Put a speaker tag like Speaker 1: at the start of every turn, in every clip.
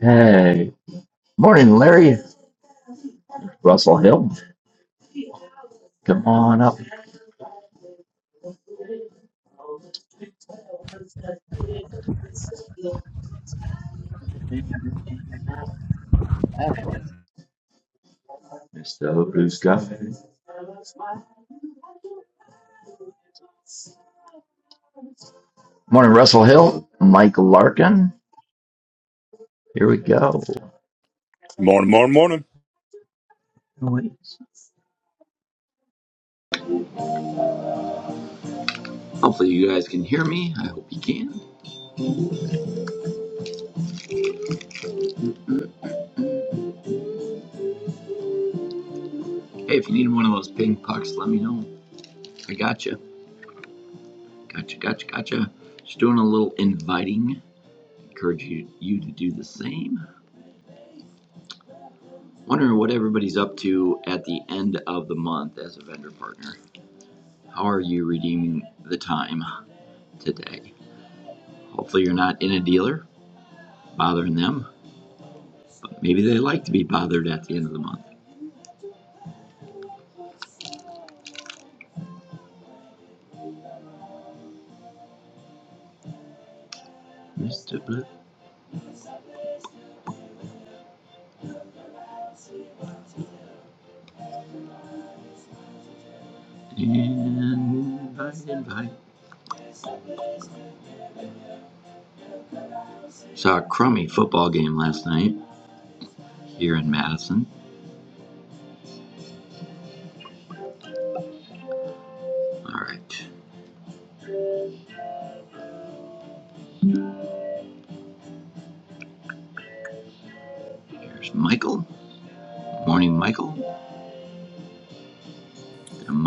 Speaker 1: Hey, morning, Larry. Russell Hill, come on up. Mr. Who's Got. Morning, Russell Hill. Mike Larkin. Here we go.
Speaker 2: Morning, morning, morning.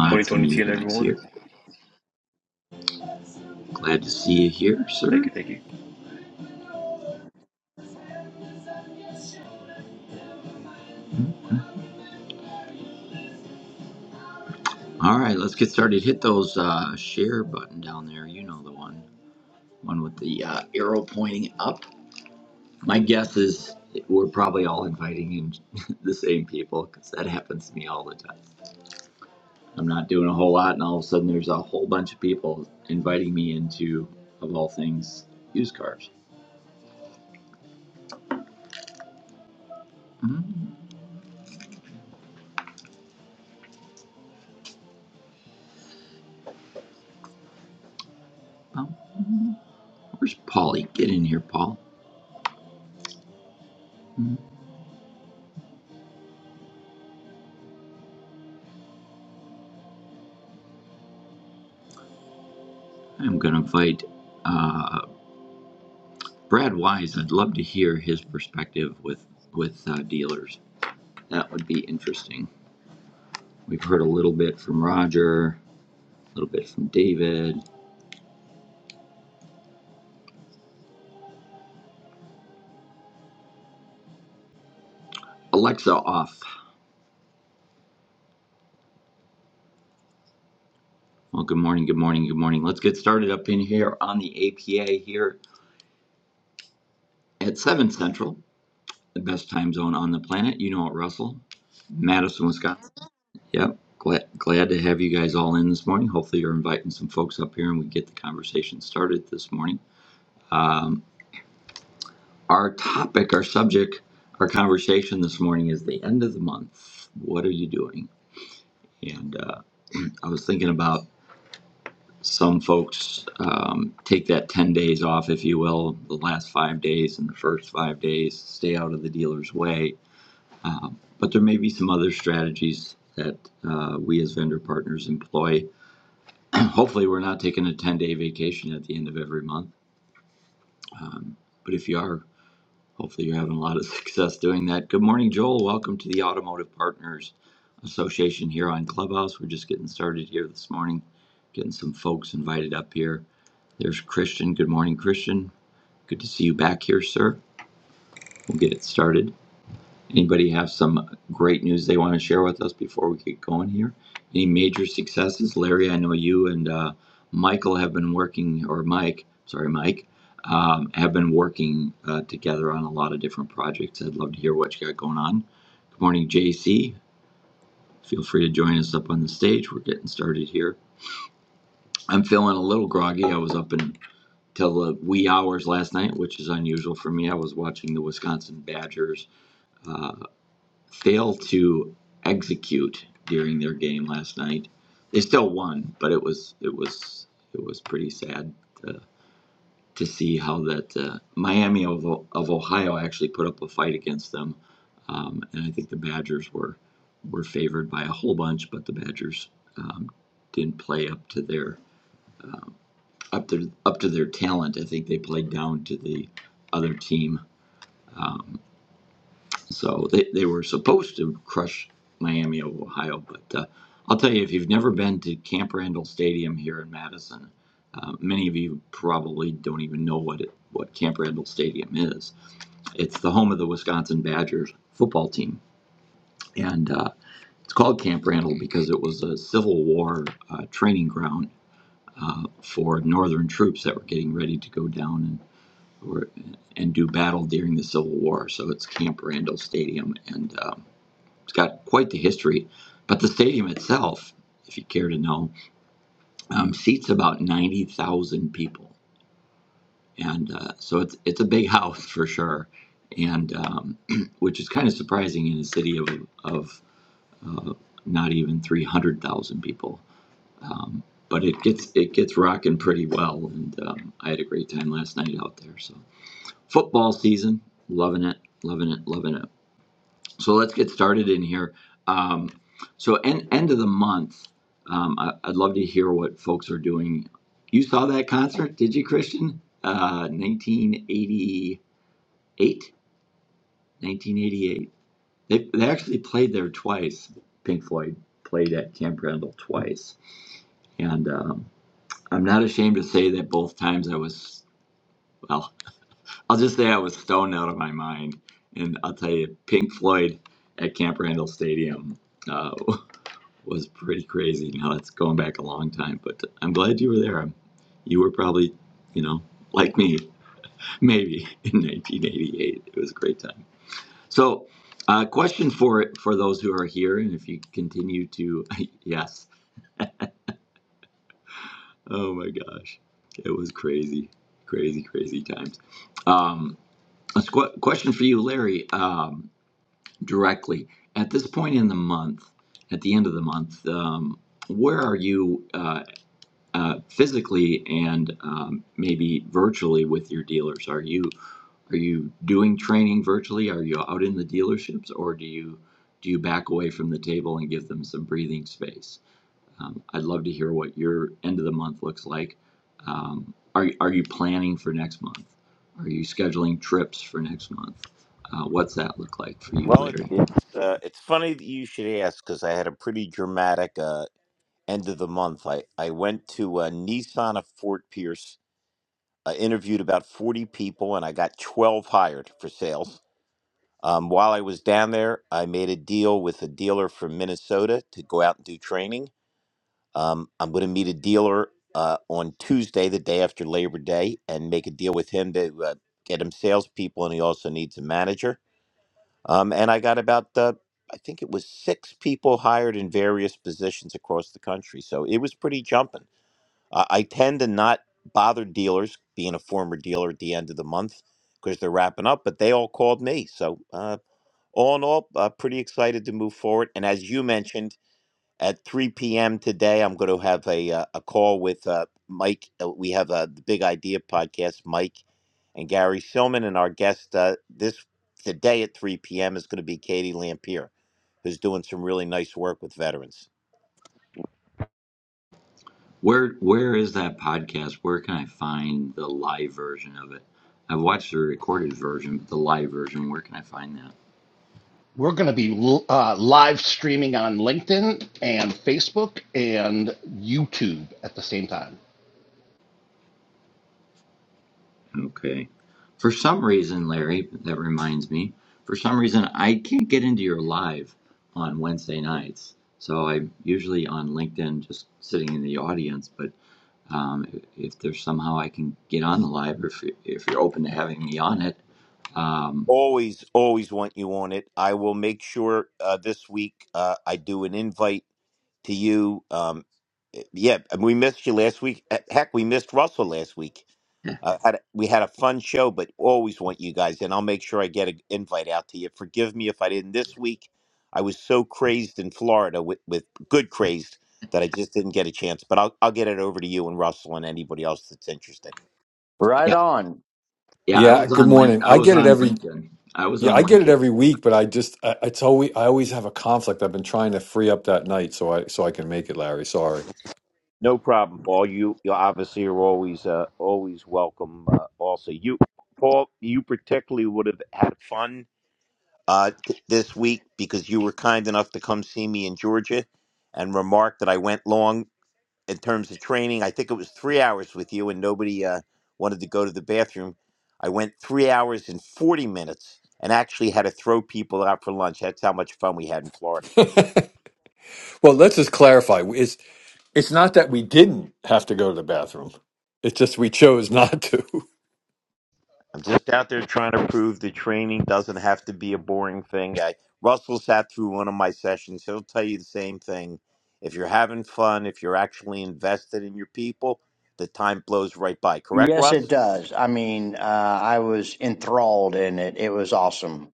Speaker 3: Good morning, Tony TL, everyone. Thank you, thank you.
Speaker 4: Well, it, it's uh, it's funny that you should ask because I had a pretty dramatic uh, end of the month. I I went to uh, Nissan of Fort Pierce. I interviewed about forty people, and I got twelve hired for sales. Um, while I was down there, I made a deal with a dealer from Minnesota to go out and do training. Um, I'm going to meet a dealer uh, on Tuesday, the day after Labor Day, and make a deal with him to uh, get him salespeople, and he also needs a manager. Um, and I got about the, I think it was six people hired in various positions across the country. So it was pretty jumping. Uh, I tend to not bother dealers, being a former dealer at the end of the month, because they're wrapping up, but they all called me. So uh, all in all, uh, pretty excited to move forward. And as you mentioned, at 3 p.m. today. I'm going to have a uh, a call with uh, Mike. Uh, We have uh, the Big Idea podcast, Mike and Gary Silman, and our guest uh, this today at 3 p.m. is going to be Katie Lampier, who's doing some really nice work with veterans.
Speaker 2: We're going to be uh, live streaming on LinkedIn and Facebook and YouTube at the same time.
Speaker 4: always always want you on it i will make sure uh, this week uh, i do an invite to you um, yeah and we missed you last week Uh, heck we missed russell last week uh, had a, we had a fun show but always want you guys and i'll make sure i get an invite out to you forgive me if i didn't this week i was so crazed in florida with, with good crazed that i just didn't get a chance but I'll, I'll get it over to you and russell and anybody else that's interested
Speaker 5: Right on.
Speaker 6: Yeah, good morning. I get it every yeah, I get it every week, but I just I, it's always I always have a conflict. I've been trying to free up that night so I so I can make it, Larry. Sorry.
Speaker 4: No problem, Paul. You, you obviously are always uh, always welcome. Uh, also, you, Paul, you particularly would have had fun uh, th- this week because you were kind enough to come see me in Georgia, and remarked that I went long in terms of training. I think it was three hours with you, and nobody uh, wanted to go to the bathroom. I went three hours and forty minutes, and actually had to throw people out for lunch. That's how much fun we had in Florida.
Speaker 6: Well, let's just clarify. It's it's not that we didn't have to go to the bathroom. It's just we chose not to.
Speaker 4: I'm just out there trying to prove that training doesn't have to be a boring thing. I, Russell sat through one of my sessions. He'll tell you the same thing. If you're having fun, if you're actually invested in your people, the time blows right by. Correct,
Speaker 5: Yes,
Speaker 4: Russ?
Speaker 5: it does. I mean, uh, I was enthralled in it. It was awesome.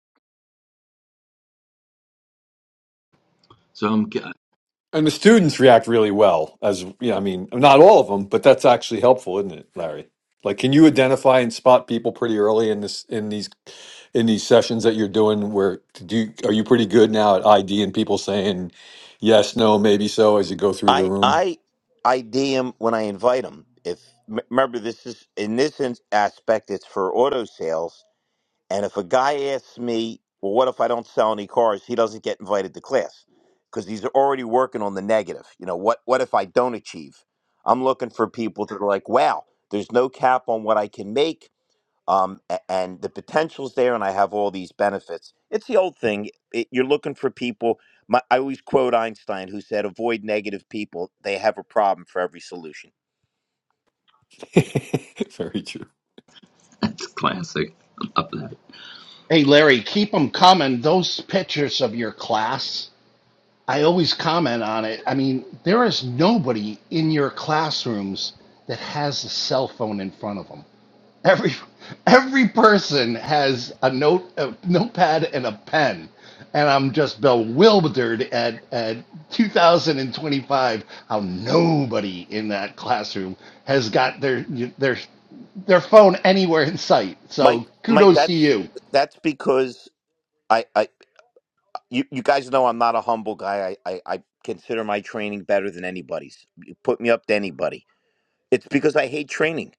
Speaker 6: And the students react really well, as yeah, I mean, not all of them, but that's actually helpful, isn't it, Larry? Like, can you identify and spot people pretty early in this in these in these sessions that you're doing? Where do you, are you pretty good now at ID and people saying yes, no, maybe so as you go through the
Speaker 4: I
Speaker 6: room?
Speaker 4: I ID him when I invite him. If m- remember, this is in this in- aspect, it's for auto sales And if a guy asks me, well, what if I don't sell any cars? He doesn't get invited to class because he's already working on the negative. You know, what, what if I don't achieve? I'm looking for people that are like, wow, there's no cap on what I can make. Um, a- and the potential's there, and I have all these benefits. It's the old thing. It, you're looking for people. My, I always quote Einstein, who said, "Avoid negative people. They have a problem for every solution."
Speaker 6: Very true.
Speaker 2: Hey, Larry, keep them coming. Those pictures of your class, I always comment on it. I mean, there is nobody in your classrooms that has a cell phone in front of them. Every every person has a note, a notepad, and a pen, and I'm just bewildered at at 2025 how nobody in that classroom has got their their their phone anywhere in sight.
Speaker 4: Mike,
Speaker 2: So
Speaker 4: Mike,
Speaker 2: kudos to
Speaker 4: that's
Speaker 2: you.
Speaker 4: that's because I, I you, you guys know I'm not a humble guy. I, I, I consider my training better than anybody's. You put me up to anybody. It's because I hate training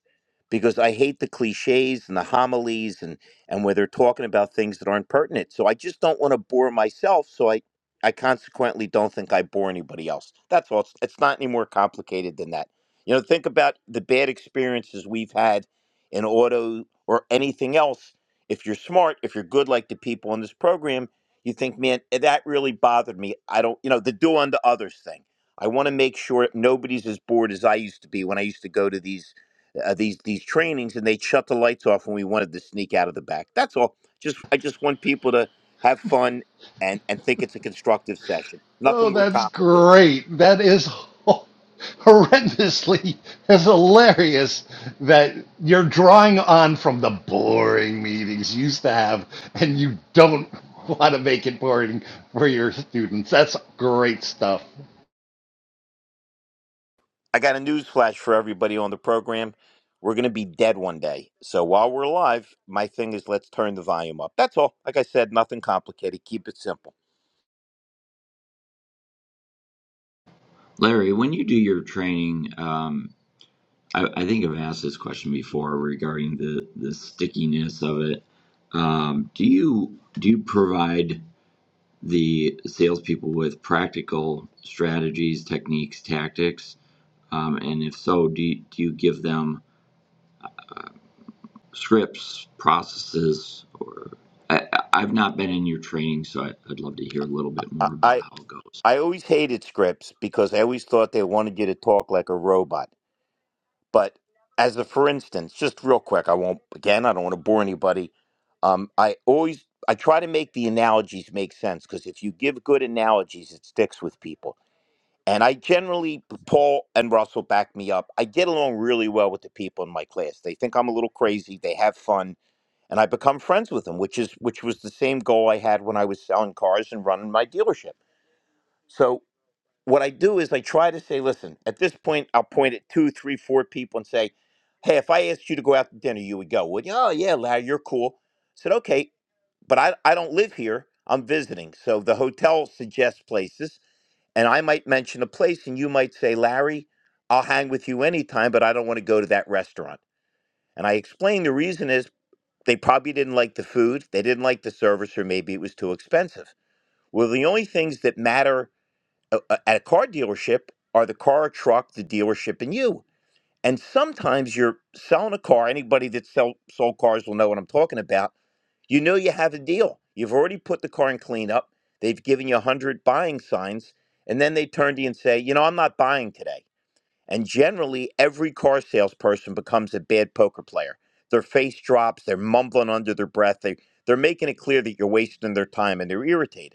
Speaker 4: because I hate the cliches and the homilies and and where they're talking about things that aren't pertinent. So I just don't want to bore myself. So I I consequently don't think I bore anybody else. That's all. It's, it's not any more complicated than that. You know, think about the bad experiences we've had in auto or anything else. If you're smart, if you're good like the people in this program, you think, man, eh, that really bothered me. I don't, you know, the do unto others thing. I want to make sure nobody's as bored as I used to be when I used to go to these uh, these these trainings and they shut the lights off when we wanted to sneak out of the back. That's all. Just I just want people to have fun and and think it's a constructive session.
Speaker 2: Oh,
Speaker 4: Nothing more
Speaker 2: that's
Speaker 4: complicated.
Speaker 2: great. That is horrendously that's hilarious that you're drawing on from the boring meetings you used to have and you don't want to make it boring for your students. That's great stuff.
Speaker 4: I got a news flash for everybody on the program. We're gonna be dead one day. So while we're alive, my thing is let's turn the volume up. That's all. Like I said, nothing complicated. Keep it simple. I I, I always hated scripts because I always thought they wanted you to talk like a robot. But as a for instance, just real quick, I won't again. I don't want to bore anybody. Um, I always I try to make the analogies make sense because if you give good analogies, it sticks with people. And I generally, Paul and Russell back me up. I get along really well with the people in my class. They think I'm a little crazy. They have fun, and I become friends with them, which is which was the same goal I had when I was selling cars and running my dealership. So what I do is I try to say, listen, at this point, I'll point at two, three, four people and say, hey, if I asked you to go out to dinner, you would go, would you? Oh, yeah, Larry, you're cool. I said, okay, but I, I don't live here. I'm visiting. So the hotel suggests places, and I might mention a place, and you might say, Larry, I'll hang with you anytime, but I don't want to go to that restaurant. And I explain the reason is they probably didn't like the food, they didn't like the service, or maybe it was too expensive. Well, the only things that matter a- at a car dealership are the car, truck, the dealership, and you. And sometimes you're selling a car. Anybody that sell, sold cars will know what I'm talking about. You know you have a deal. You've already put the car in cleanup. They've given you 100 buying signs. And then they turn to you and say, you know, I'm not buying today. And generally, every car salesperson becomes a bad poker player. Their face drops. They're mumbling under their breath. They, they're making it clear that you're wasting their time and they're irritated.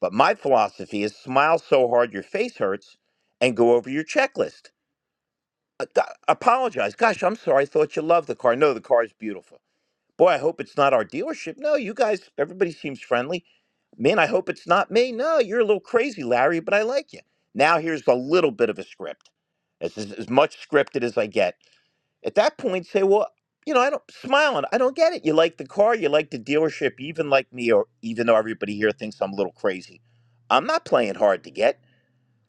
Speaker 4: But my philosophy is smile so hard your face hurts and go over your checklist. Uh, go- Apologize. Gosh, I'm sorry. I thought you loved the car. No, the car is beautiful. Boy, I hope it's not our dealership. No, you guys, everybody seems friendly. Man, I hope it's not me. No, you're a little crazy, Larry, but I like you. Now here's a little bit of a script. It's as, as much scripted as I get at that point, say, well, you know, I don't smiling. I don't get it. You like the car, you like the dealership, you even like me, or even though everybody here thinks I'm a little crazy. I'm not playing hard to get.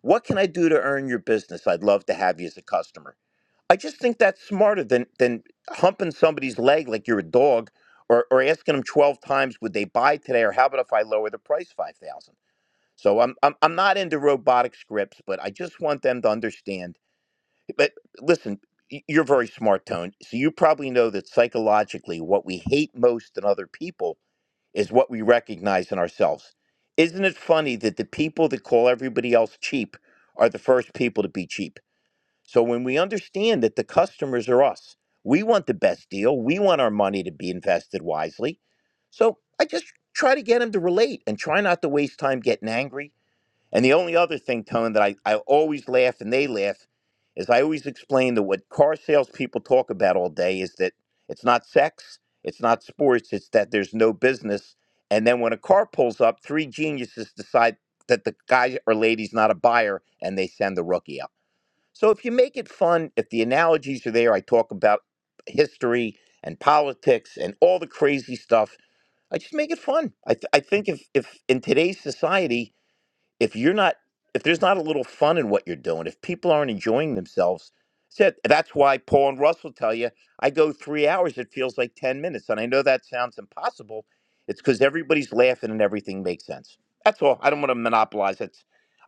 Speaker 4: What can I do to earn your business? I'd love to have you as a customer. I just think that's smarter than than humping somebody's leg like you're a dog, or or asking them twelve times would they buy today, or how about if I lower the price five thousand. So I'm, I'm I'm not into robotic scripts, but I just want them to understand but listen, y- you're very smart, Tone. So you probably know that psychologically, what we hate most in other people is what we recognize in ourselves. Isn't it funny that the people that call everybody else cheap are the first people to be cheap? So when we understand that the customers are us, we want the best deal, we want our money to be invested wisely. So I just try to get them to relate and try not to waste time getting angry and the only other thing, Tony, that I, I always laugh and they laugh is I always explain that what car salespeople talk about all day is that it's not sex, it's not sports, it's that there's no business. And then when a car pulls up, three geniuses decide that the guy or lady's not a buyer and they send the rookie out. So if you make it fun, if the analogies are there, I talk about history and politics and all the crazy stuff. I just make it fun. I, th- I think if, if in today's society, if you're not if there's not a little fun in what you're doing if people aren't enjoying themselves that's it. that's why paul and russell tell you i go three hours it feels like 10 minutes and i know that sounds impossible it's because everybody's laughing and everything makes sense that's all i don't want to monopolize it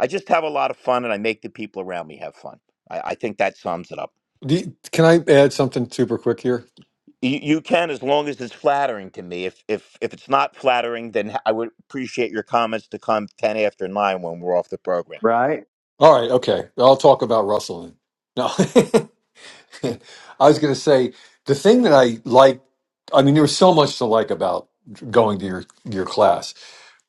Speaker 4: i just have a lot of fun and i make the people around me have fun i, I think that sums it up
Speaker 6: Do you- can I add something super quick here?
Speaker 4: you, you can as long as it's flattering to me if if if it's not flattering then i would appreciate your comments to come 10 after 9 when we're off the program
Speaker 5: Right?
Speaker 6: All right, okay. I'll talk about Russell. then. No, I was going to say the thing that I like. I mean, there was so much to like about going to your your class,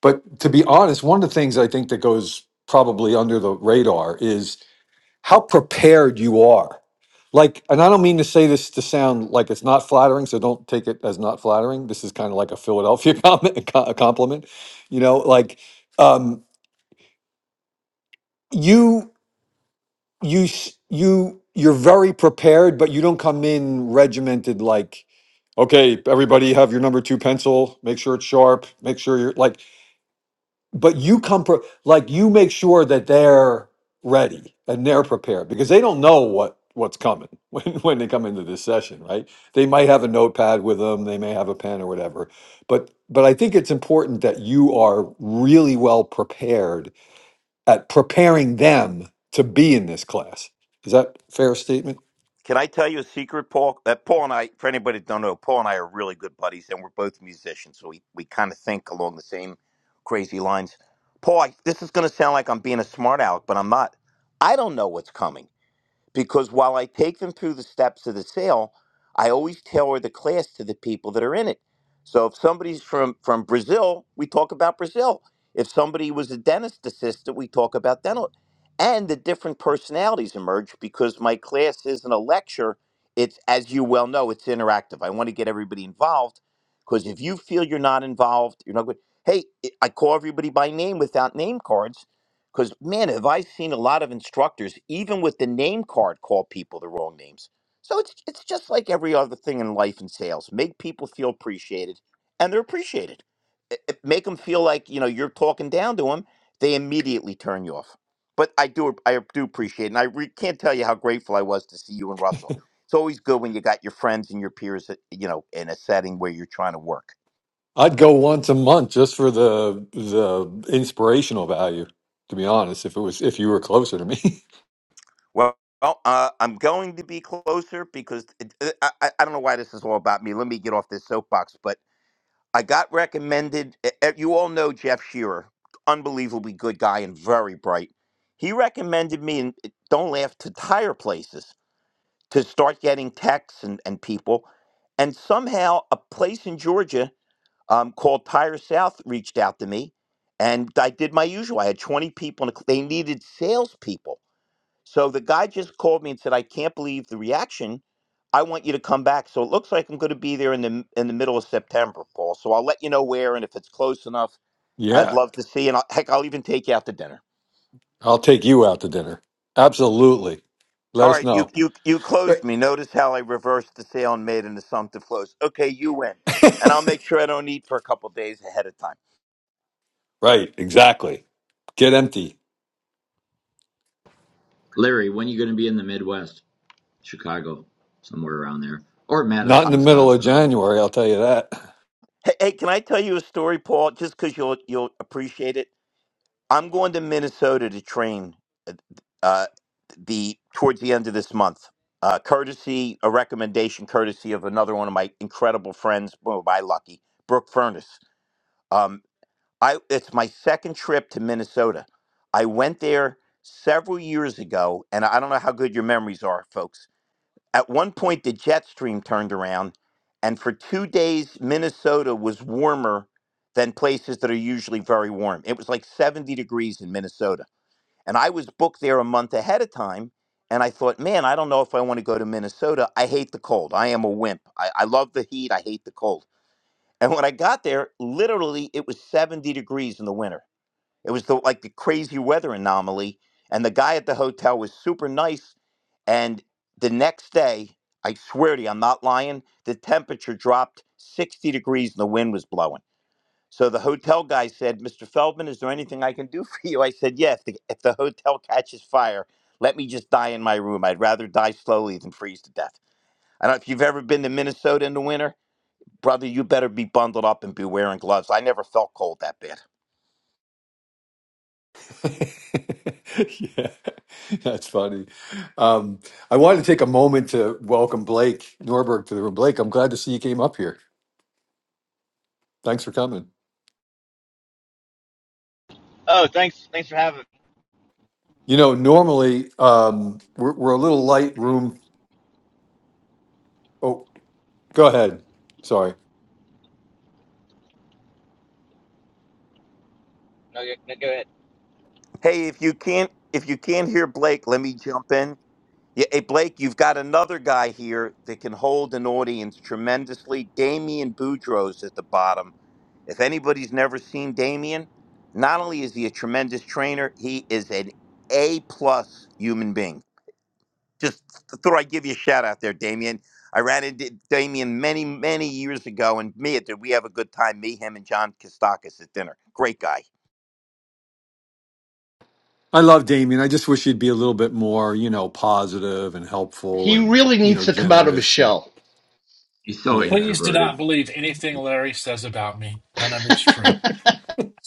Speaker 6: but to be honest, one of the things I think that goes probably under the radar is how prepared you are. Like, and I don't mean to say this to sound like it's not flattering, so don't take it as not flattering. This is kind of like a Philadelphia comment, a compliment, you know. Like, um, you. you s- you you're very prepared, but you don't come in regimented like, okay, everybody have your number two pencil, make sure it's sharp, make sure you're like, but you come pre- like you make sure that they're ready and they're prepared because they don't know what what's coming when when they come into this session, right? They might have a notepad with them, they may have a pen or whatever, but but I think it's important that you are really well prepared at preparing them to be in this class. Is that a fair statement?
Speaker 4: Can I tell you a secret, Paul? Uh, Paul and I, for anybody that don't know, Paul and I are really good buddies, and we're both musicians, so we, we kind of think along the same crazy lines. Paul, I, this is going to sound like I'm being a smart aleck, but I'm not. I don't know what's coming because while I take them through the steps of the sale, I always tailor the class to the people that are in it. So if somebody's from from Brazil, we talk about Brazil. If somebody was a dentist assistant, we talk about dental. And the different personalities emerge because my class isn't a lecture. It's as you well know, it's interactive. I want to get everybody involved because if you feel you're not involved, you're not good. Hey, I call everybody by name without name cards because, man, have I seen a lot of instructors, even with the name card, call people the wrong names. So it's, it's just like every other thing in life and sales. Make people feel appreciated, and they're appreciated. I- I- Make them feel like, you know, you're talking down to them. They immediately turn you off. But I do, I do appreciate it. And I re- can't tell you how grateful I was to see you and Russell. It's always good when you got your friends and your peers, uh, you know, in a setting where you're trying to work.
Speaker 6: I'd go once a month just for the the inspirational value, to be honest, if it was if you were closer to me.
Speaker 4: Well, well, uh, I'm going to be closer because it- uh, I, I I don't know why this is all about me. Let me get off this soapbox. But I got recommended. eh, eh, You all know Jeff Shearer, unbelievably good guy and very bright. He recommended me, and eh, don't laugh, to tire places to start getting texts and, and people. And somehow a place in Georgia um, called Tire South reached out to me. And I did my usual. I had 20 people, and they needed salespeople. So the guy just called me and said, "I can't believe the reaction. I want you to come back." So it looks like I'm going to be there in the m- in the middle of September, Paul. So I'll let you know where and if it's close enough. I'd
Speaker 6: yeah.
Speaker 4: love to see, and I'll, heck, I'll even take you out to dinner.
Speaker 6: I'll take you out to dinner. Absolutely.
Speaker 4: All
Speaker 6: Let us
Speaker 4: right, you
Speaker 6: know.
Speaker 4: you you
Speaker 6: Right,
Speaker 4: closed me. Notice how I reversed the sale and made an assumptive close. Okay, you win, and I'll make sure I don't eat for a couple days ahead of time.
Speaker 6: Right, exactly. Get empty. Not in the middle of January, I'll tell you that.
Speaker 4: Hey, hey, can I tell you a story, Paul? Just because you'll you'll appreciate it. I'm going to Minnesota to train uh, uh, the towards the end of this month. Uh, courtesy, a recommendation, courtesy of another one of my incredible friends, oh, by lucky, Brooke Furness. Um, I it's my second trip to Minnesota. I went there several years ago, and I don't know how good your memories are, folks. At one point, the jet stream turned around, and for two days, Minnesota was warmer than places that are usually very warm. It was like 70 degrees in Minnesota and I was booked there a month ahead of time. And I thought, man, I don't know if I want to go to Minnesota. I hate the cold. I am a wimp. I, I love the heat. I hate the cold. And when I got there, literally, it was 70 degrees in the winter. It was the, like the crazy weather anomaly. And the guy at the hotel was super nice. And the next day, I swear to you, I'm not lying, the temperature dropped 60 degrees and the wind was blowing. So the hotel guy said, Mr. Feldman, is there anything I can do for you? I said, Yeah, if the, if the hotel catches fire, let me just die in my room. I'd rather die slowly than freeze to death. I don't know if you've ever been to Minnesota in the winter. Brother, you better be bundled up and be wearing gloves. I never felt cold that bad.
Speaker 6: yeah, that's funny. Um, I wanted to take a moment to welcome Blake Norberg to the room. Blake, I'm glad to see you came up here. Thanks for coming.
Speaker 7: Oh, thanks. Thanks for having.
Speaker 6: You know, normally um, we're, we're a little light room. Oh, go ahead. Sorry.
Speaker 7: No, go- no, go ahead.
Speaker 4: Hey, if you can't if you can't hear Blake, let me jump in. Yeah, hey Blake, you've got another guy here that can hold an audience tremendously. Damian Boudreaux's at the bottom If anybody's never seen Damien, not only is he a tremendous trainer, he is an A plus human being. Just th- thought I'd give you a shout out there, Damien. I ran into Damien many, many years ago, and me, did we have a good time? Me, him, and John Kostakis at dinner. Great guy.
Speaker 6: I love Damien. I just wish he'd be a little bit more, you know, positive and helpful
Speaker 2: He
Speaker 6: and,
Speaker 2: really
Speaker 6: you
Speaker 2: needs
Speaker 6: know,
Speaker 2: to come out of his
Speaker 6: generous. And
Speaker 2: shell.
Speaker 6: yeah.
Speaker 8: Please do not believe anything Larry says about me. None of it's true.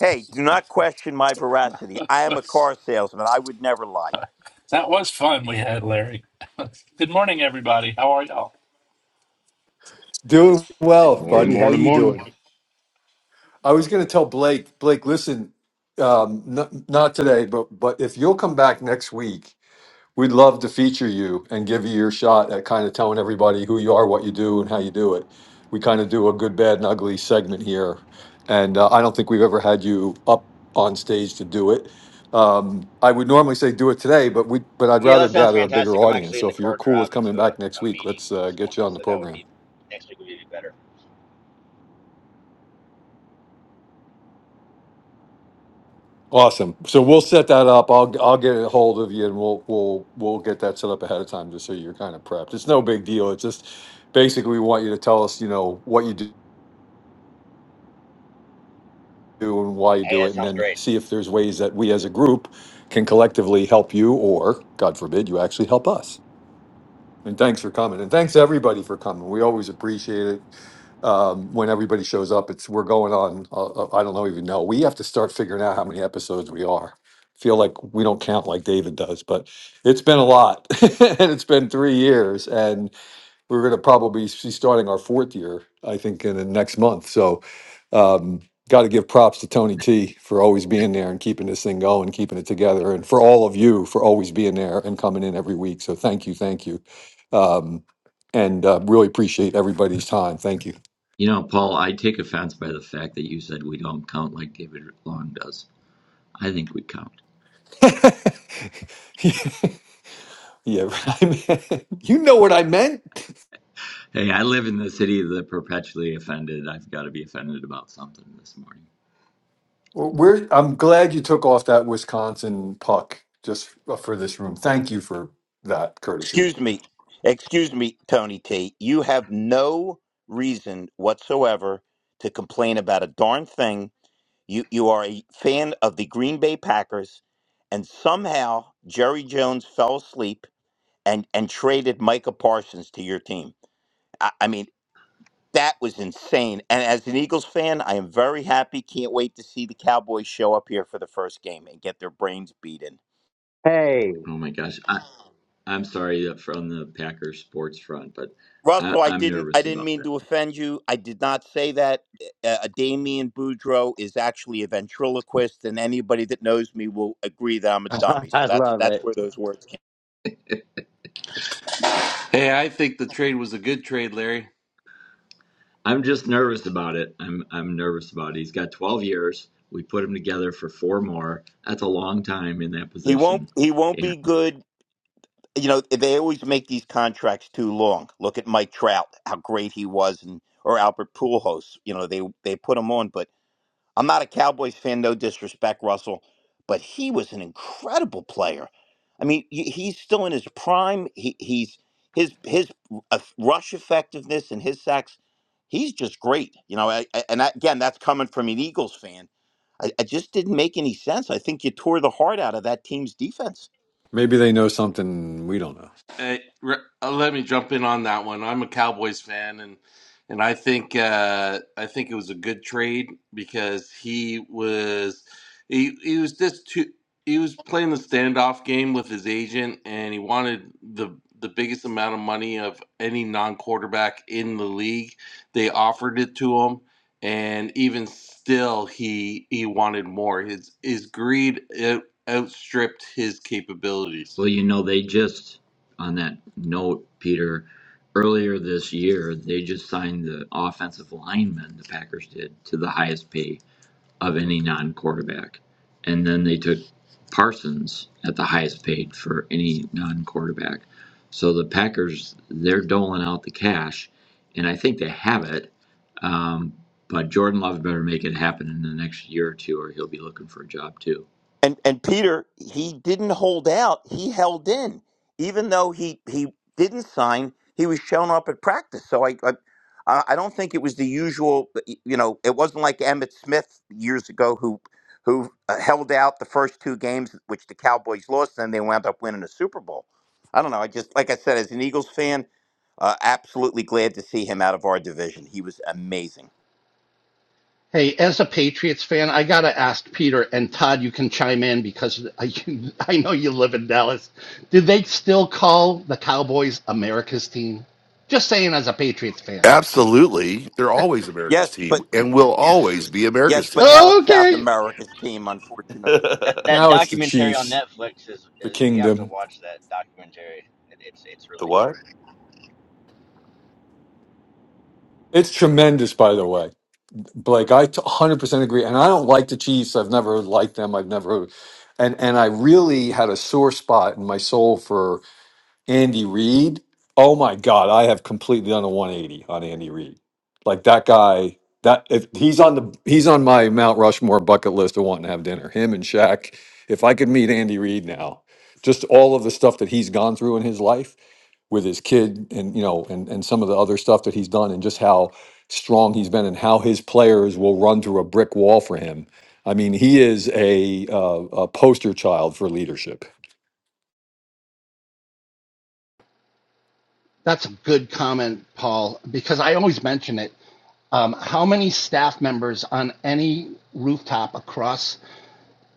Speaker 4: Hey, do not question my veracity.
Speaker 8: that
Speaker 4: I am a car salesman. I would never lie.
Speaker 8: was fun we had, Larry. Good morning, everybody. How are y'all?
Speaker 6: Doing well,
Speaker 2: Morning,
Speaker 6: buddy. How
Speaker 2: morning,
Speaker 6: you
Speaker 2: morning.
Speaker 6: doing? I was going to tell Blake, Blake, listen, um, n- not today, but, but if you'll come back next week, We'd love to feature you and give you your shot at kind of telling everybody who you are, what you do, and how you do it. We kind of do a good, bad, and ugly segment here. And uh, I don't think we've ever had you up on stage to do it. Um, I would normally say do it today, but we but I'd
Speaker 7: Yeah,
Speaker 6: rather
Speaker 7: that sounds
Speaker 6: gather a bigger
Speaker 7: fantastic. I'm
Speaker 6: audience.
Speaker 7: actually in
Speaker 6: So
Speaker 7: the
Speaker 6: if you're
Speaker 7: car
Speaker 6: cool with
Speaker 7: driving
Speaker 6: coming
Speaker 7: to a,
Speaker 6: back next
Speaker 7: a
Speaker 6: week,
Speaker 7: meeting
Speaker 6: let's uh,
Speaker 7: this
Speaker 6: get you
Speaker 7: morning,
Speaker 6: on the
Speaker 7: so that would
Speaker 6: program.
Speaker 7: be next week would be better.
Speaker 6: Awesome. So we'll set that up. I'll I'll get a hold of you and we'll we'll we'll get that set up ahead of time just so you're kind of prepped. It's no big deal. It's just basically we want you to tell us, you know, what you do do and why you
Speaker 7: Hey,
Speaker 6: do
Speaker 7: that
Speaker 6: it, and
Speaker 7: sounds
Speaker 6: then
Speaker 7: great.
Speaker 6: see if there's ways that we as a group can collectively help you, or God forbid, you actually help us. And thanks for coming, and thanks everybody for coming. We always appreciate it um, when everybody shows up. It's we're going on. Uh, uh, I don't know even know. We have to start figuring out how many episodes we are. Feel like we don't count like David does, but it's been a lot, and it's been three years, And we're going to probably be starting our fourth year, I think, in the next month. So, um, got to give props to Tony T for always being there and keeping this thing going, keeping it together, and for all of you for always being there and coming in every week. So, thank you, thank you, um, and uh, really appreciate everybody's time. Thank you. yeah, I mean, you know what I meant. Well, We're, I'm glad you took off that Wisconsin puck just uh, for this room. Thank you for that courtesy.
Speaker 4: Excuse me. Excuse me, Tony T. You have no reason whatsoever to complain about a darn thing You you are a fan of the Green Bay Packers, and somehow Jerry Jones fell asleep and and traded Micah Parsons to your team. I, I mean, that was insane. And as an Eagles fan, I am very happy. Can't wait to see the Cowboys show up here for the first game and get their brains beaten.
Speaker 5: Hey,
Speaker 4: Russell, I didn't I didn't mean to offend you. I did not say that. Uh, Damian Boudreaux is actually a ventriloquist, and anybody that knows me will agree that I'm a dummy.
Speaker 5: I
Speaker 4: So that's
Speaker 5: love it.
Speaker 4: that's where those words
Speaker 9: Hey, I think the trade was a good trade, Larry.
Speaker 4: He won't. He won't be good. You know, they always make these contracts too long. Look at Mike Trout, how great he was, and or Albert Pujols. You know, they they put him on. But I'm not a Cowboys fan. No disrespect, Russell, but he was an incredible player. I mean, y- he's still in his prime. He, he's his his uh, rush effectiveness and his sacks. He's just great. You know, I, I- and I, again, that's coming from an Eagles fan. I, I just didn't make any sense. I think you tore the heart out of that team's defense.
Speaker 6: Maybe they know something we don't know.
Speaker 9: Uh, re- uh, let me jump in on that one. I'm a Cowboys fan, and and I think uh, I think it was a good trade because he was he he was just too he was playing the standoff game with his agent, and he wanted the the biggest amount of money of any non quarterback in the league. They offered it to him, and even still, he he wanted more. His his greed uh, outstripped his capabilities.
Speaker 4: And and Peter, he didn't hold out. He held in, even though he he didn't sign. He was shown up at practice. So I I, I I don't think it was the usual. You know, it wasn't like Emmett Smith years ago who who uh, held out the first two games, which the Cowboys lost, and they wound up winning a Super Bowl. I don't know. I just like I said, as an Eagles fan, uh, absolutely glad to see him out of our division. He was amazing.
Speaker 2: Hey, as a Patriots fan, I gotta ask Peter and Todd. You can chime in because I, I know you live in Dallas. Did they still call the Cowboys America's team? Just saying, as a Patriots fan.
Speaker 10: Absolutely. They're always
Speaker 4: Yes,
Speaker 10: America's
Speaker 4: but
Speaker 10: team and will always be
Speaker 4: Yes,
Speaker 10: America's
Speaker 4: but
Speaker 10: team.
Speaker 4: now it's South
Speaker 2: Okay,
Speaker 4: America's team, unfortunately.
Speaker 7: That
Speaker 10: the
Speaker 7: that
Speaker 6: Now it's the
Speaker 7: documentary on
Speaker 6: Chiefs,
Speaker 7: Netflix is,
Speaker 6: the
Speaker 7: is you have to
Speaker 6: Kingdom.
Speaker 7: watch that documentary. It, it's it's really good.
Speaker 10: what?
Speaker 6: It's tremendous, by the way. Blake, I t- 100% agree. And I don't like the Chiefs. I've never liked them. I've never. And, and I really had a sore spot in my soul for Andy Reid. Oh my God, I have completely done a 180 on Andy Reid. Like that guy, that if he's on the he's on my Mount Rushmore bucket list of wanting to have dinner. Him and Shaq. If I could meet Andy Reid now, just all of the stuff that he's gone through in his life with his kid and you know and and some of the other stuff that he's done and just how strong he's been and how his players will run through a brick wall for him. I mean, he is a uh, a poster child for leadership
Speaker 2: that's a good comment, Paul. Because I always mention it. Um, how many staff members on any rooftop across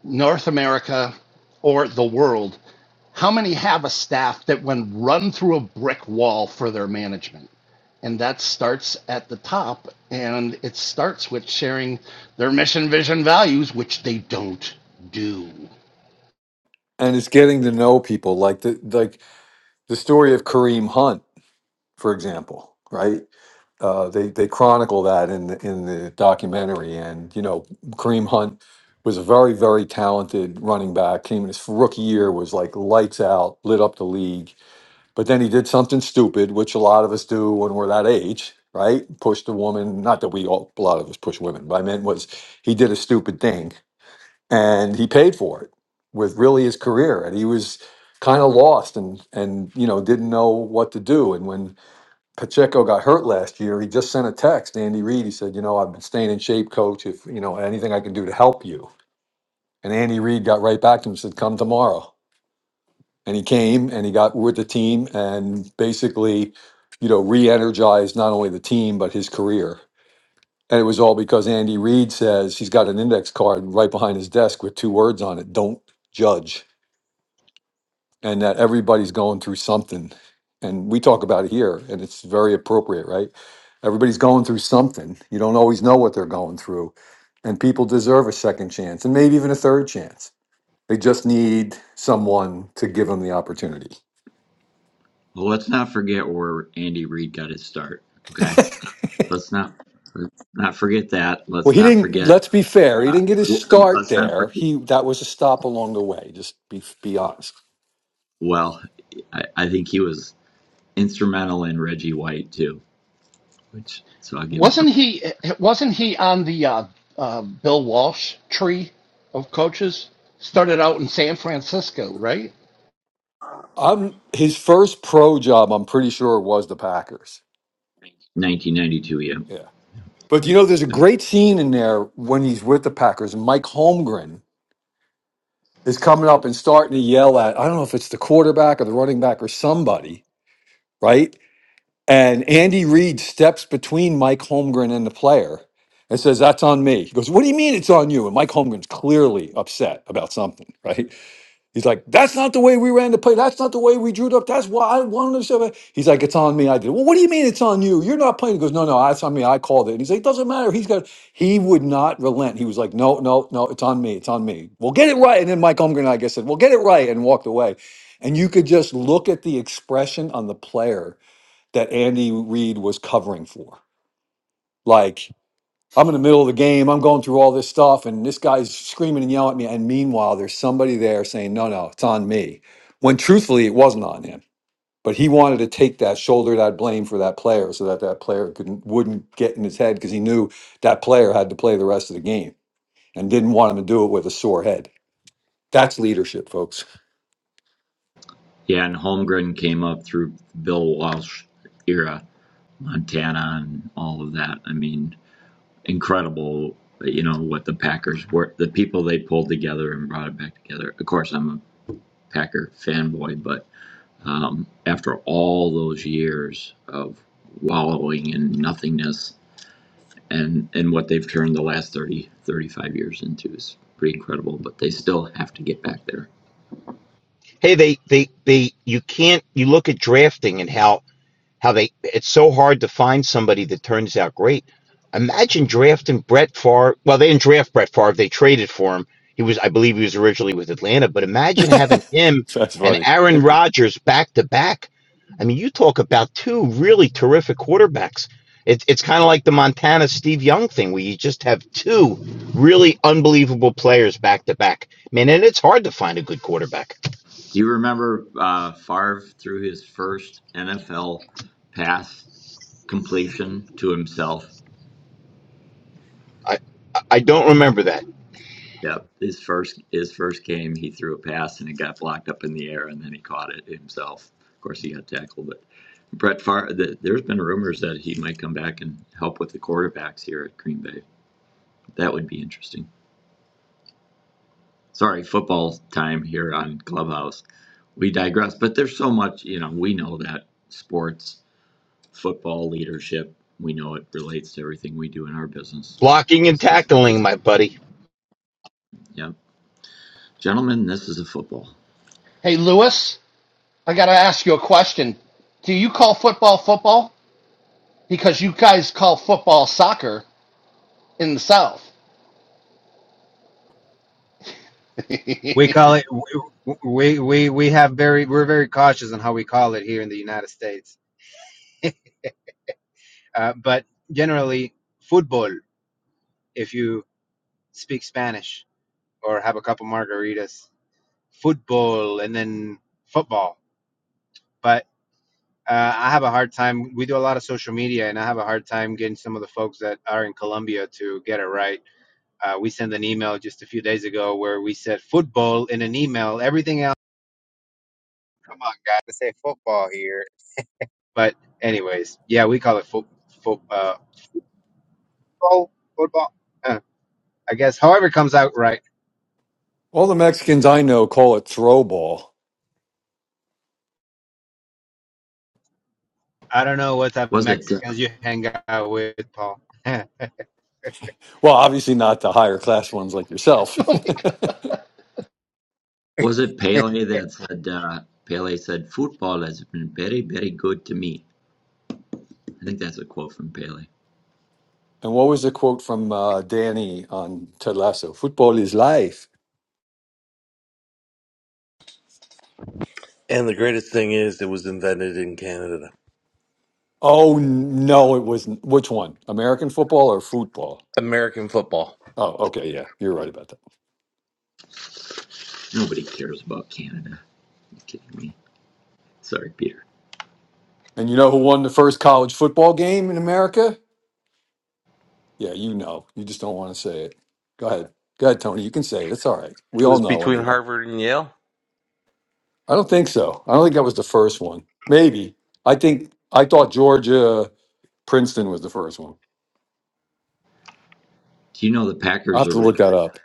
Speaker 2: North America or the world? How many have a staff that when run through a brick wall for their management? And that starts at the top. And it starts with sharing their mission, vision, values, which they don't do.
Speaker 6: and it's getting to know people like the like the story of Kareem Hunt, for example, right? Uh, they they chronicle that in the, in the documentary, and you know Kareem Hunt was a very very talented running back. Came in his rookie year was like lights out, lit up the league. But then he did something stupid, which a lot of us do when we're that age, right? Pushed a woman. Not that we all a lot of us push women, but I meant was he did a stupid thing and he paid for it with really his career and he was kind of lost and and you know didn't know what to do and when Pacheco got hurt last year he just sent a text to Andy Reid he said you know I've been staying in shape coach if you know anything I can do to help you and Andy Reid got right back to him and said come tomorrow and he came and he got with the team and basically you know re-energized not only the team but his career and it was all because Andy Reid says he's got an index card right behind his desk with two words on it don't judge and that everybody's going through something. And we talk about it here, and it's very appropriate, right? Everybody's going through something. You don't always know what they're going through. And people deserve a second chance and maybe even a third chance. They just need someone to give them the opportunity. Well, he didn't, let's be fair, he didn't get his start there. He That was a stop along the way, just be, be honest.
Speaker 2: Wasn't he? Wasn't he on the uh, uh, Bill Walsh tree of coaches? Started out in San Francisco, right?
Speaker 6: I'm, his first pro job, I'm pretty sure, was the Packers. Yeah. But you know, there's a great scene in there when he's with the Packers, and Mike Holmgren is coming up and starting to yell at I don't know if it's the quarterback or the running back or somebody, right? And Andy Reid steps between Mike Holmgren and the player and says, "That's on me." He goes, "What do you mean it's on you?" And Mike Holmgren's clearly upset about something, right? He's like, that's not the way we ran the play. That's not the way we drew it up. That's why I wanted to say He's like, it's on me. I did. it." Well, what do you mean it's on you? You're not playing. He goes, no, no, it's on me. I called it. And he's like, it doesn't matter. He's got. He would not relent. He was like, no, no, no, it's on me. It's on me. We'll get it right. And then Mike Holmgren, I guess, said, we'll get it right, and walked away. And you could just look at the expression on the player that Andy Reid was covering for. Like I'm in the middle of the game. I'm going through all this stuff, and this guy's screaming and yelling at me. And meanwhile, there's somebody there saying, No, no, it's on me. When truthfully, it wasn't on him. But he wanted to take that shoulder, that blame for that player so that that player couldn't, wouldn't get in his head because he knew that player had to play the rest of the game and didn't want him to do it with a sore head. That's leadership, folks.
Speaker 4: Hey, they, they, they, you can't, you look at drafting and how How they it's so hard to find somebody that turns out great. Imagine drafting Brett Favre. Well, they didn't draft Brett Favre; they traded for him. He was, I believe, he was originally with Atlanta. But imagine having him
Speaker 6: That's
Speaker 4: and
Speaker 6: funny.
Speaker 4: Aaron Rodgers back to back. I mean, you talk about two really terrific quarterbacks. It, it's kind of like the Montana Steve Young thing, where you just have two really unbelievable players back to back. Man, and it's hard to find a good quarterback. I, I don't remember that blocking and tackling, my buddy.
Speaker 2: Hey, Lewis, I got to ask you a question. Do you call football football? Because you guys call football soccer in the South.
Speaker 11: We
Speaker 2: oh
Speaker 11: call it we we we have very we're very cautious on how we call it here in the United States. Uh, but generally, football. If you speak Spanish or have a couple margaritas, football, and then football. But uh, I have a hard time. We do a lot of social media, and I have a hard time getting some of the folks that are in Colombia to get it right. Uh, we sent an email just a few days ago where we said football in an email. Everything else, come on, guys, to say football here But anyways, yeah, we call it fo- fo- uh, football, football. Uh, I guess however it comes out right.
Speaker 6: All the Mexicans I know call it throw ball.
Speaker 11: I don't know what type of Mexicans you hang out with, Paul.
Speaker 6: Well, obviously not the higher class ones like yourself.
Speaker 2: my God.
Speaker 6: And what was the quote from uh, Danny on Ted Lasso? Football is life.
Speaker 9: And the greatest thing is, it was invented in Canada.
Speaker 6: Oh n- no, it wasn't. Which one? American football or football?
Speaker 9: American football.
Speaker 6: Oh, okay, yeah, you're right about that. And you know who won the first college football game in America? Yeah, you know. You just don't want to say it. Go ahead. Go ahead, Tony. You can say it. It's all right. We
Speaker 9: It
Speaker 6: all
Speaker 9: was
Speaker 6: know
Speaker 9: between
Speaker 6: anyway.
Speaker 9: Harvard and Yale.
Speaker 6: I don't think so. I don't think that was the first one. Maybe. I think I thought Georgia Princeton was the first one. I'll have to look that up.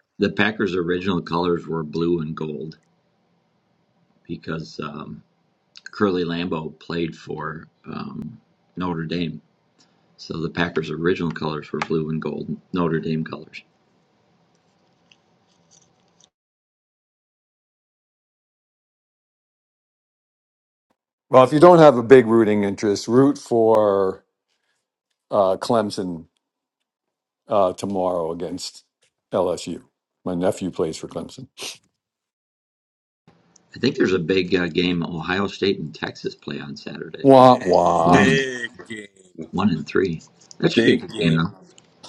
Speaker 6: Well, if you don't have a big rooting interest, root for uh, Clemson uh, tomorrow against LSU. My nephew plays for Clemson. Wah wah.
Speaker 9: Big game. Big game.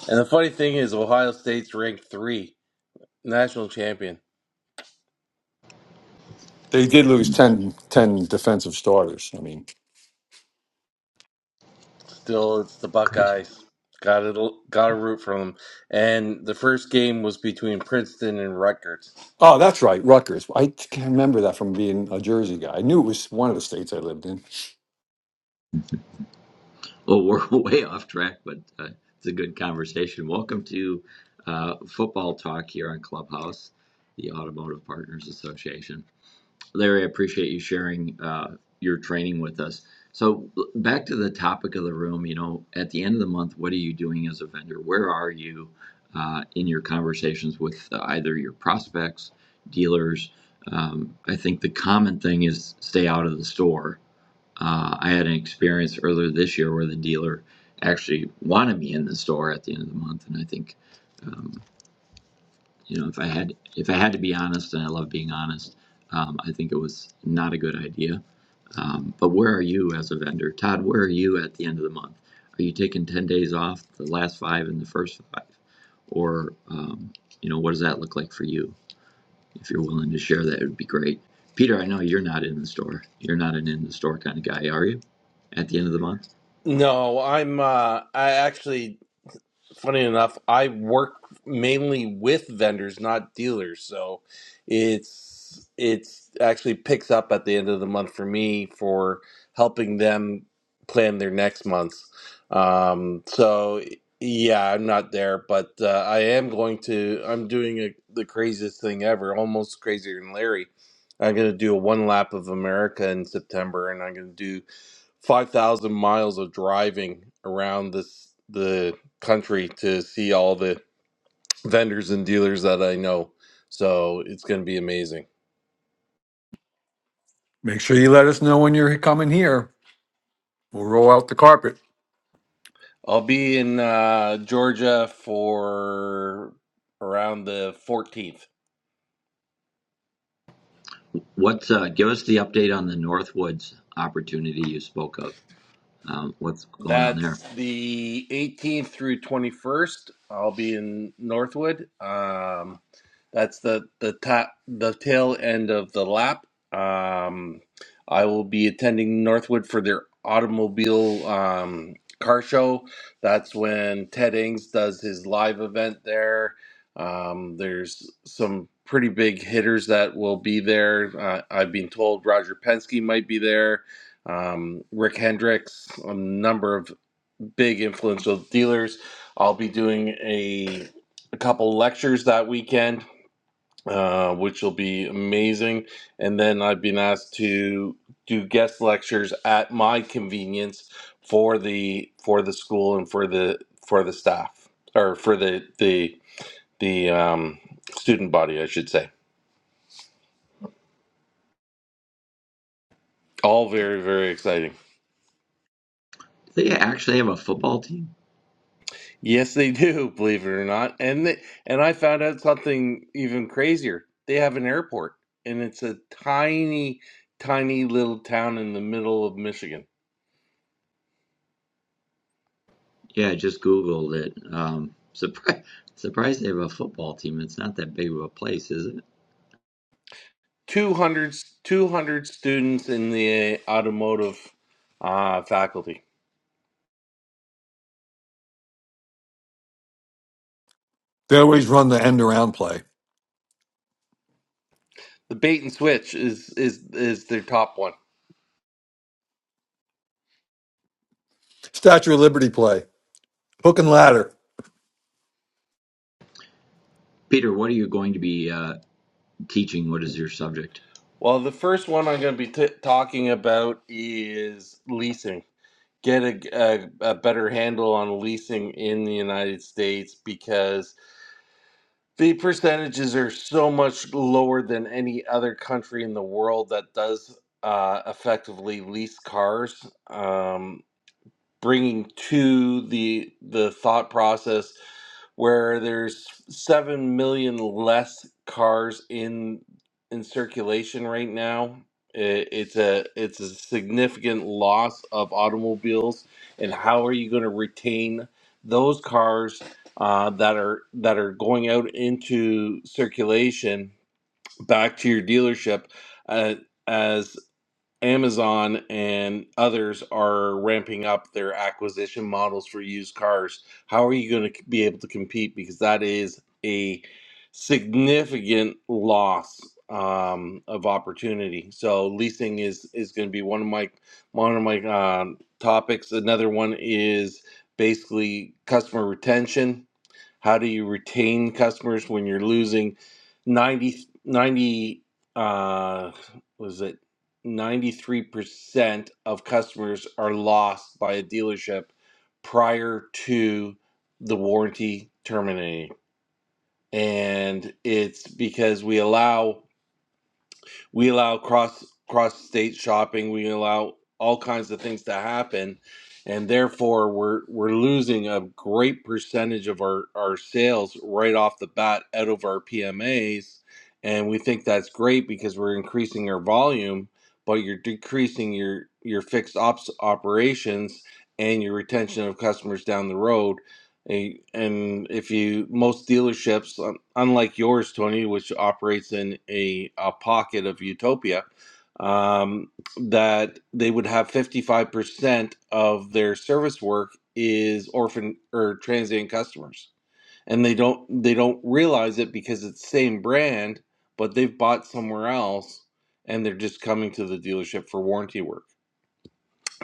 Speaker 9: And the funny thing is, Ohio State's ranked three, national champion.
Speaker 6: They did lose ten ten defensive starters. I mean,
Speaker 9: Still, it's the Buckeyes. Got it. Got to root for them. And the first game was between Princeton and Rutgers.
Speaker 6: oh, that's right, Rutgers. I can remember that from being a Jersey guy. I knew it was one of the states I lived in.
Speaker 9: No, I'm. Uh, I actually funny enough, I work mainly with vendors, not dealers. So it's it's actually picks up at the end of the month for me for helping them plan their next months. Um, so yeah, I'm not there, but uh, I am going to. I'm doing a, the craziest thing ever, almost crazier than Larry. I'm going to do a one lap of America in September, and I'm going to do 5,000 miles of driving around this the country to see all the vendors and dealers that I know. So it's going to be amazing.
Speaker 6: Make sure you let us know when you're coming here. We'll roll out the carpet.
Speaker 9: I'll be in uh, Georgia for around the 14th. That's the 18th through 21st. I'll be in Northwood. Um, that's the the top the tail end of the lap. Um, I will be attending Northwood for their automobile um, car show. That's when Ted Ings does his live event there. Um, there's some pretty big hitters that will be there. Uh, I've been told Roger Penske might be there um, Rick Hendricks, a number of big influential dealers. I'll be doing a, a couple lectures that weekend, uh, which will be amazing. And then I've been asked to do guest lectures at my convenience for the for the school and for the for the staff or for the the the um, student body, I should say. All very very exciting. Yes, they do, believe it or not. And they, and I found out something even crazier. They have an airport, and it's a tiny, tiny little town in the middle of Michigan. 200, 200 students in the automotive uh, faculty.
Speaker 6: They always run the end around play,
Speaker 9: The bait and switch is is is their top one.
Speaker 6: Statue of Liberty play, hook and ladder.
Speaker 9: Well, the first one I'm going to be t talking about is leasing. Get a, a a better handle on leasing in the United States because The percentages are so much lower than any other country in the world that does uh, effectively lease cars. Um, bringing to the the thought process where there's 7 million less cars in in circulation right now I- it's a it's a significant loss of automobiles and how are you going to retain those cars uh, that are that are going out into circulation back to your dealership uh, Amazon and others are ramping up their acquisition models for used cars. How are you going to be able to compete? Because that is a significant loss um, of opportunity. So leasing is is going to be one of my one of my um, topics. Another one is basically customer retention how do you retain customers when you're losing 90 90 uh, was it 93% of customers are lost by a dealership prior to the warranty terminating. And it's because we allow we allow cross cross state shopping we allow all kinds of things to happen and therefore we're we're losing a great percentage of our our sales right off the bat out of our PMAs and we think that's great because we're increasing our volume but you're decreasing your your fixed ops operations and your retention of customers down the road a- And if you most dealerships, un- unlike yours, Tony, which operates in a, a pocket of utopia, um, that they would have 55% of their service work is orphan or transient customers. And they don't they don't realize it because it's same brand, but they've bought somewhere else and they're just coming to the dealership for warranty work.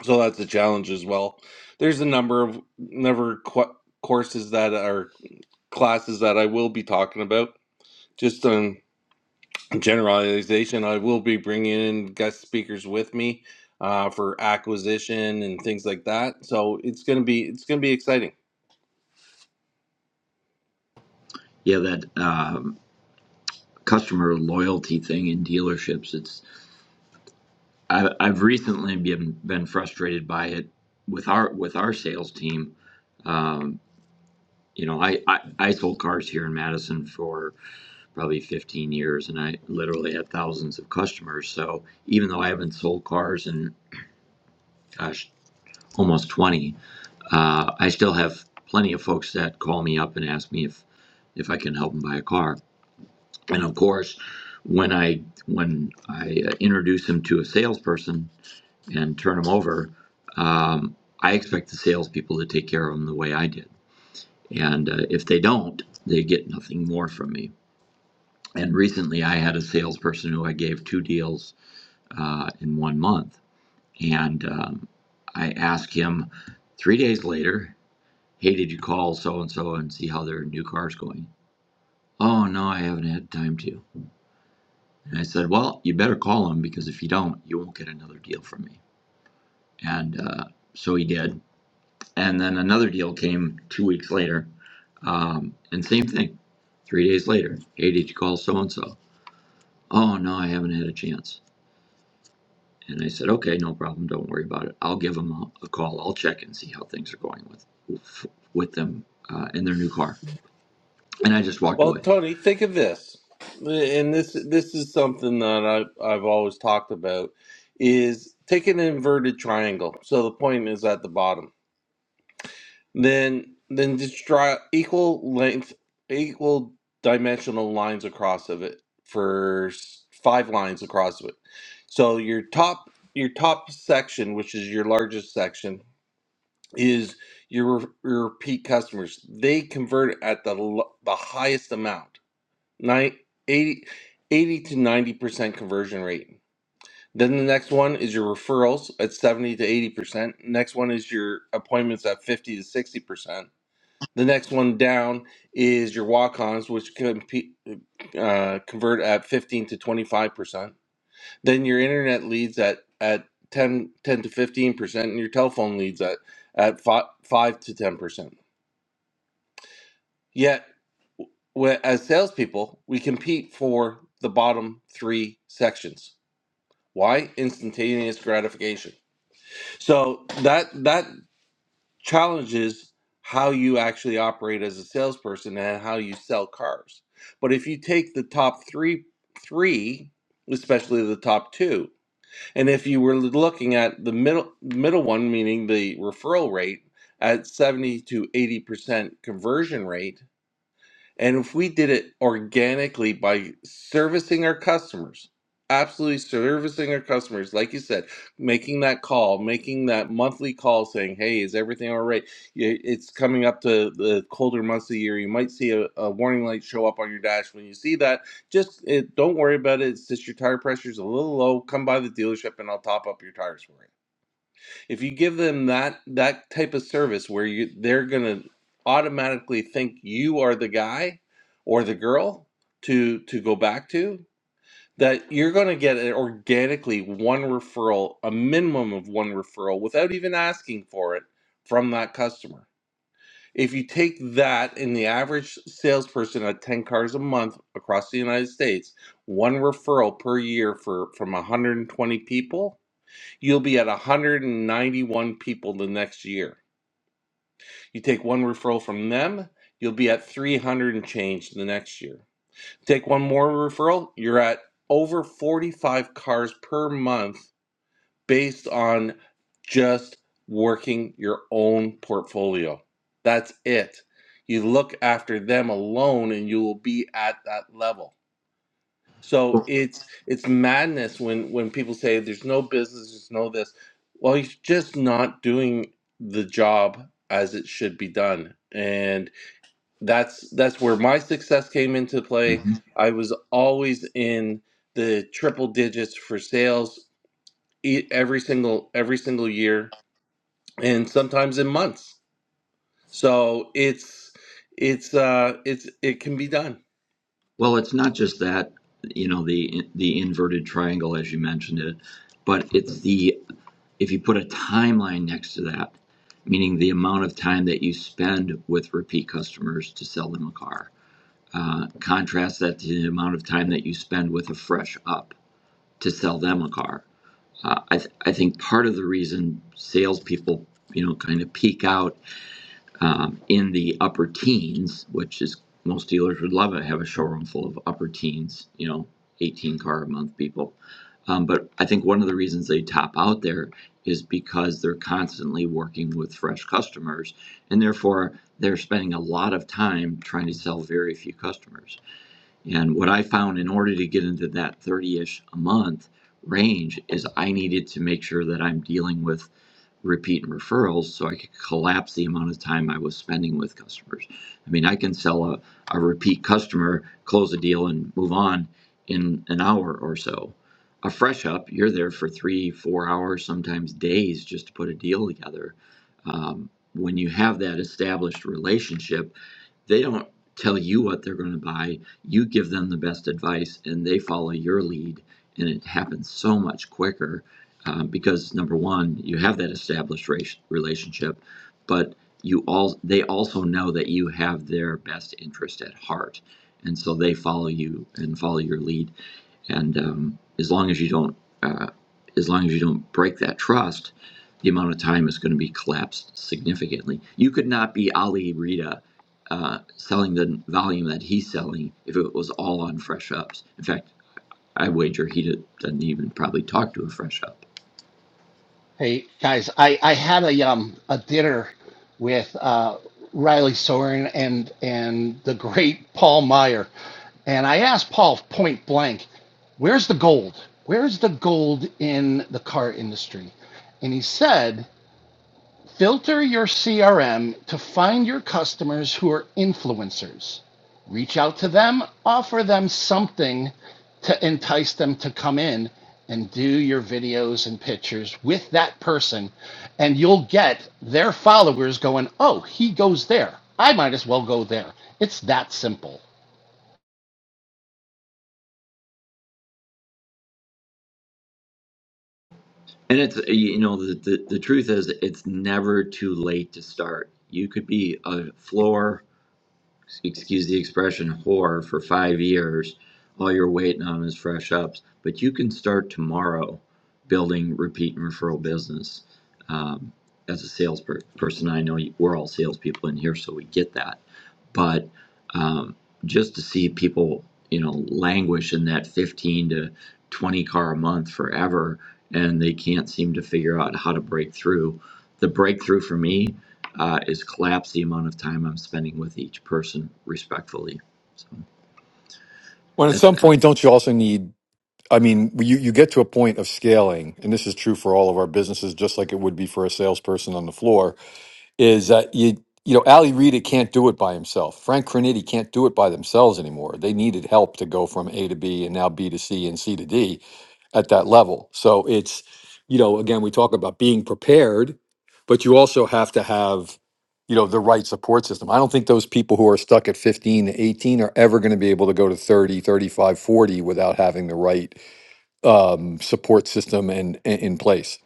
Speaker 9: So that's a challenge as well. There's a number of never qu- courses that are classes that I will be talking about. Just on generalization, I will be bringing in guest speakers with me uh, for acquisition and things like that. So it's gonna be it's gonna be exciting. Well, Tony, think of this, and this this is something that I, I've always talked about is take an inverted triangle. So the point is at the bottom. Then then just draw equal length, equal dimensional lines across of it for s- five lines across of it. So your top your top section, which is your largest section, is your, re- your repeat customers. They convert at the l- the highest amount, nine eighty, eighty to ninety percent conversion rate. Then the next one is your referrals at seventy to eighty percent. Next one is your appointments at fifty to sixty percent the next one down is your walk-ons, which compete, uh, convert at 15 to 25%. Then your internet leads at, at 10 10 to 15%, and your telephone leads at, at 5, 5 to 10%. Yet, we- as salespeople, we compete for the bottom three sections. Why? Instantaneous gratification. So that that challenges how you actually operate as a salesperson and how you sell cars. But if you take the top three, three, especially the top two, and if you were looking at the middle middle one, meaning the referral rate at seventy to eighty percent conversion rate and if we did it organically by servicing our customers, absolutely servicing our customers, like you said, making that call, making that monthly call saying, hey, is everything all right? Y- It's coming up to the colder months of the year. You might see a, a warning light show up on your dash. When you see that, just it, don't worry about it. It's just your tire pressure is a little low. Come by the dealership and I'll top up your tires for it if you give them that that type of service where you they're going to automatically think you are the guy or the girl to to go back to that you're going to get an organically one referral a minimum of one referral without even asking for it from that customer if you take that and the average salesperson at 10 cars a month across the united states one referral per year for from 120 people You'll be at 191 people the next year. You take one referral from them, you'll be at 300 and change the next year. Take one more referral, you're at over 45 cars per month based on just working your own portfolio. That's it. You look after them alone and you will be at that level. So it's it's madness when when people say there's no business, there's no this. Well, he's just not doing the job as it should be done, and that's that's where my success came into play. I was always in the triple digits for sales e- every single every single year, and sometimes in months. So it's it's uh it's it can be done.
Speaker 2: Hey guys, I, I had a um a dinner with uh, Riley Soren and and the great Paul Meyer, and I asked Paul point blank, "Where's the gold? Where's the gold in the car industry?" And he said Filter your CRM to find your customers who are influencers. Reach out to them, offer them something to entice them to come in and do your videos and pictures with that person. And you'll get their followers going, oh, he goes there. I might as well go there. It's that simple.
Speaker 6: When at some point, don't you also need I mean, you, you get to a point of scaling, and this is true for all of our businesses, just like it would be for a salesperson on the floor, is that you you know, Ali Rita can't do it by himself. Frank Cornetti can't do it by themselves anymore. They needed help to go from A to B and now B to C and C to D at that level. So it's, you know, again, we talk about being prepared, but you also have to have, you know, the right support system. I don't think those people who are stuck at 15 to 18 are ever going to be able to go to 30, 35, 40 without having the right um, support system and in in place.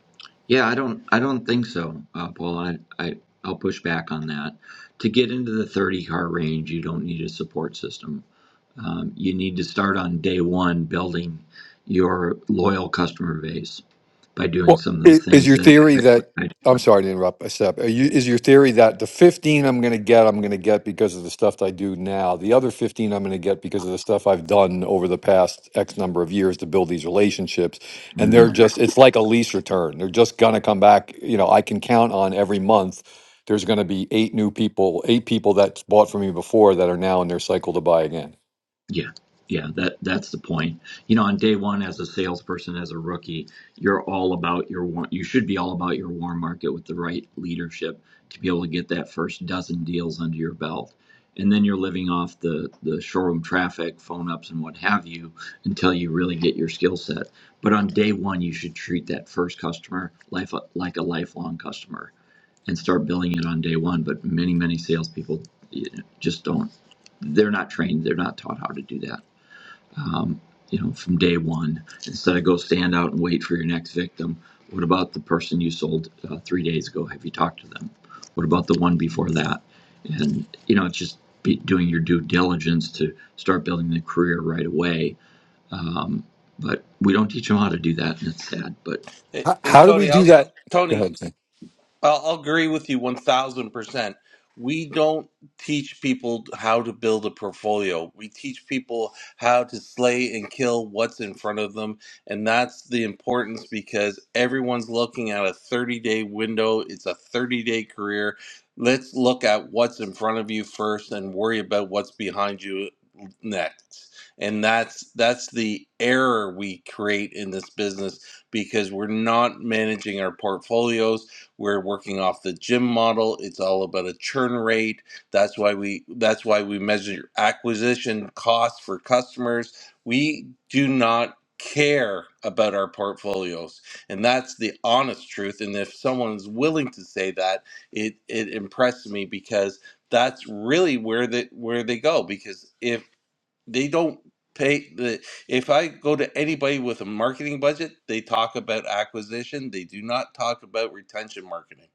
Speaker 6: Well, i- is your theory that I'm sorry to interrupt, uh, Seb. Are you, is your theory that the 15 I'm going to get, I'm going to get because of the stuff that I do now. The other 15 I'm going to get because of the stuff I've done over the past X number of years to build these relationships. And they're just, it's like a lease return. They're just going to come back. You know, I can count on every month. There's going to be eight new people, eight people that bought from me before that are now in their cycle to buy again.
Speaker 9: Hey,
Speaker 6: How,
Speaker 9: hey
Speaker 6: how do we
Speaker 9: Tony,
Speaker 6: do
Speaker 9: I'll
Speaker 6: that? Go
Speaker 9: Tony,
Speaker 6: ahead.
Speaker 9: I'll I'll agree with you 1000%. We don't teach people how to build a portfolio. We teach people how to slay and kill what's in front of them. And that's the importance because everyone's looking at a 30 day window, it's a 30 day career. Let's look at what's in front of you first and worry about what's behind you next. And that's that's the error we create in this business because we're not managing our portfolios we're working off the gym model. It's all about a churn rate. That's why we that's why we measure acquisition costs for customers. We do not care about our portfolios. And that's the honest truth. And if someone's willing to say that, it it impressed me because that's really where they where they go because if they don't pay the if I go to anybody with a marketing budget, they talk about acquisition. They do not talk about retention marketing.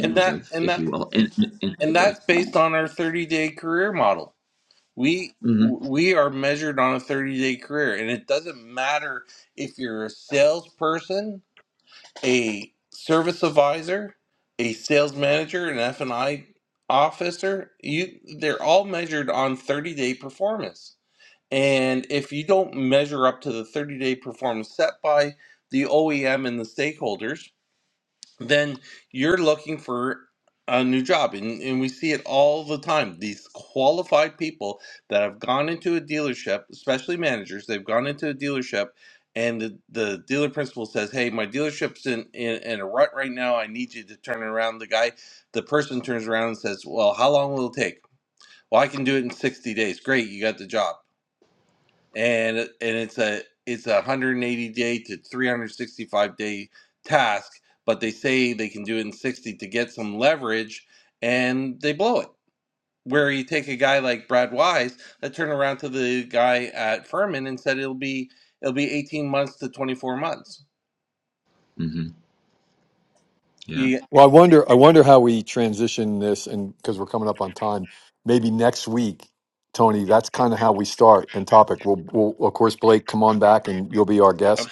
Speaker 9: And that and that and that's based on our 30-day career model. We we are measured on a 30-day career and it doesn't matter if you're a salesperson, a service advisor, a sales manager, an F&I officer, you they're all measured on 30-day performance. And if you don't measure up to the 30 day performance set by the OEM and the stakeholders, then you're looking for a new job. And, and we see it all the time. These qualified people that have gone into a dealership, especially managers, they've gone into a dealership and the, the dealer principal says, Hey, my dealership's in, in, in a rut right now. I need you to turn it around. The guy, the person turns around and says, Well, how long will it take? Well, I can do it in 60 days. Great, you got the job and uh, and it's a it's a 180 day to 365 day task but they say they can do it in 60 to get some leverage and they blow it where you take a guy like brad wise that turned around to the guy at furman and said it'll be it'll be 18 months to 24 months you,
Speaker 6: Well, I wonder. I wonder how we transition this, and because we're coming up on time, maybe next week, Tony. That's kind of how we start and topic. We'll, we'll, of course, Blake, come on back, and you'll be our guest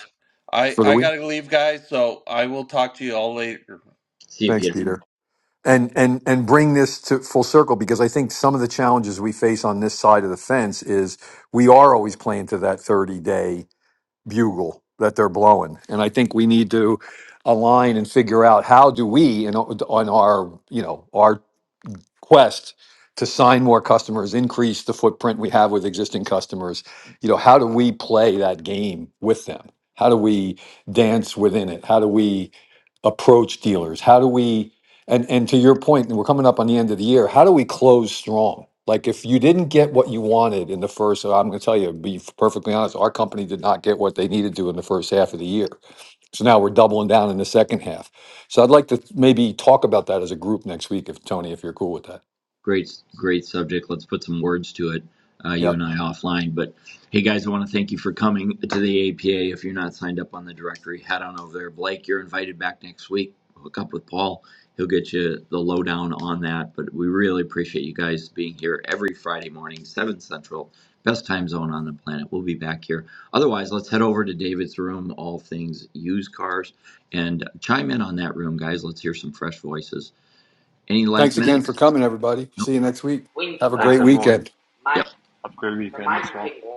Speaker 9: i
Speaker 6: for the
Speaker 9: i
Speaker 6: week.
Speaker 9: gotta leave guys so i will talk to you all later
Speaker 6: Thanks, Peter. And and and bring this to full circle because I think some of the challenges we face on this side of the fence is we are always playing to that thirty day bugle that they're blowing, and I think we need to align and figure out how do we and on our you know our quest to sign more customers, increase the footprint we have with existing customers, you know, how do we play that game with them? How do we dance within it? How do we approach dealers? How do we and and to your point, and we're coming up on the end of the year, how do we close strong? Like if you didn't get what you wanted in the first, so I'm going to tell you, be perfectly honest, our company did not get what they needed to in the first half of the year. So now we're doubling down in the second half. So I'd like to maybe talk about that as a group next week, if Tony, if you're cool with that. Yeah. Thanks again for coming, everybody. See you next week.
Speaker 3: Win
Speaker 6: Have a
Speaker 3: Thanks,
Speaker 6: great
Speaker 3: everyone.
Speaker 6: weekend.
Speaker 3: Mind Have a great weekend mind well.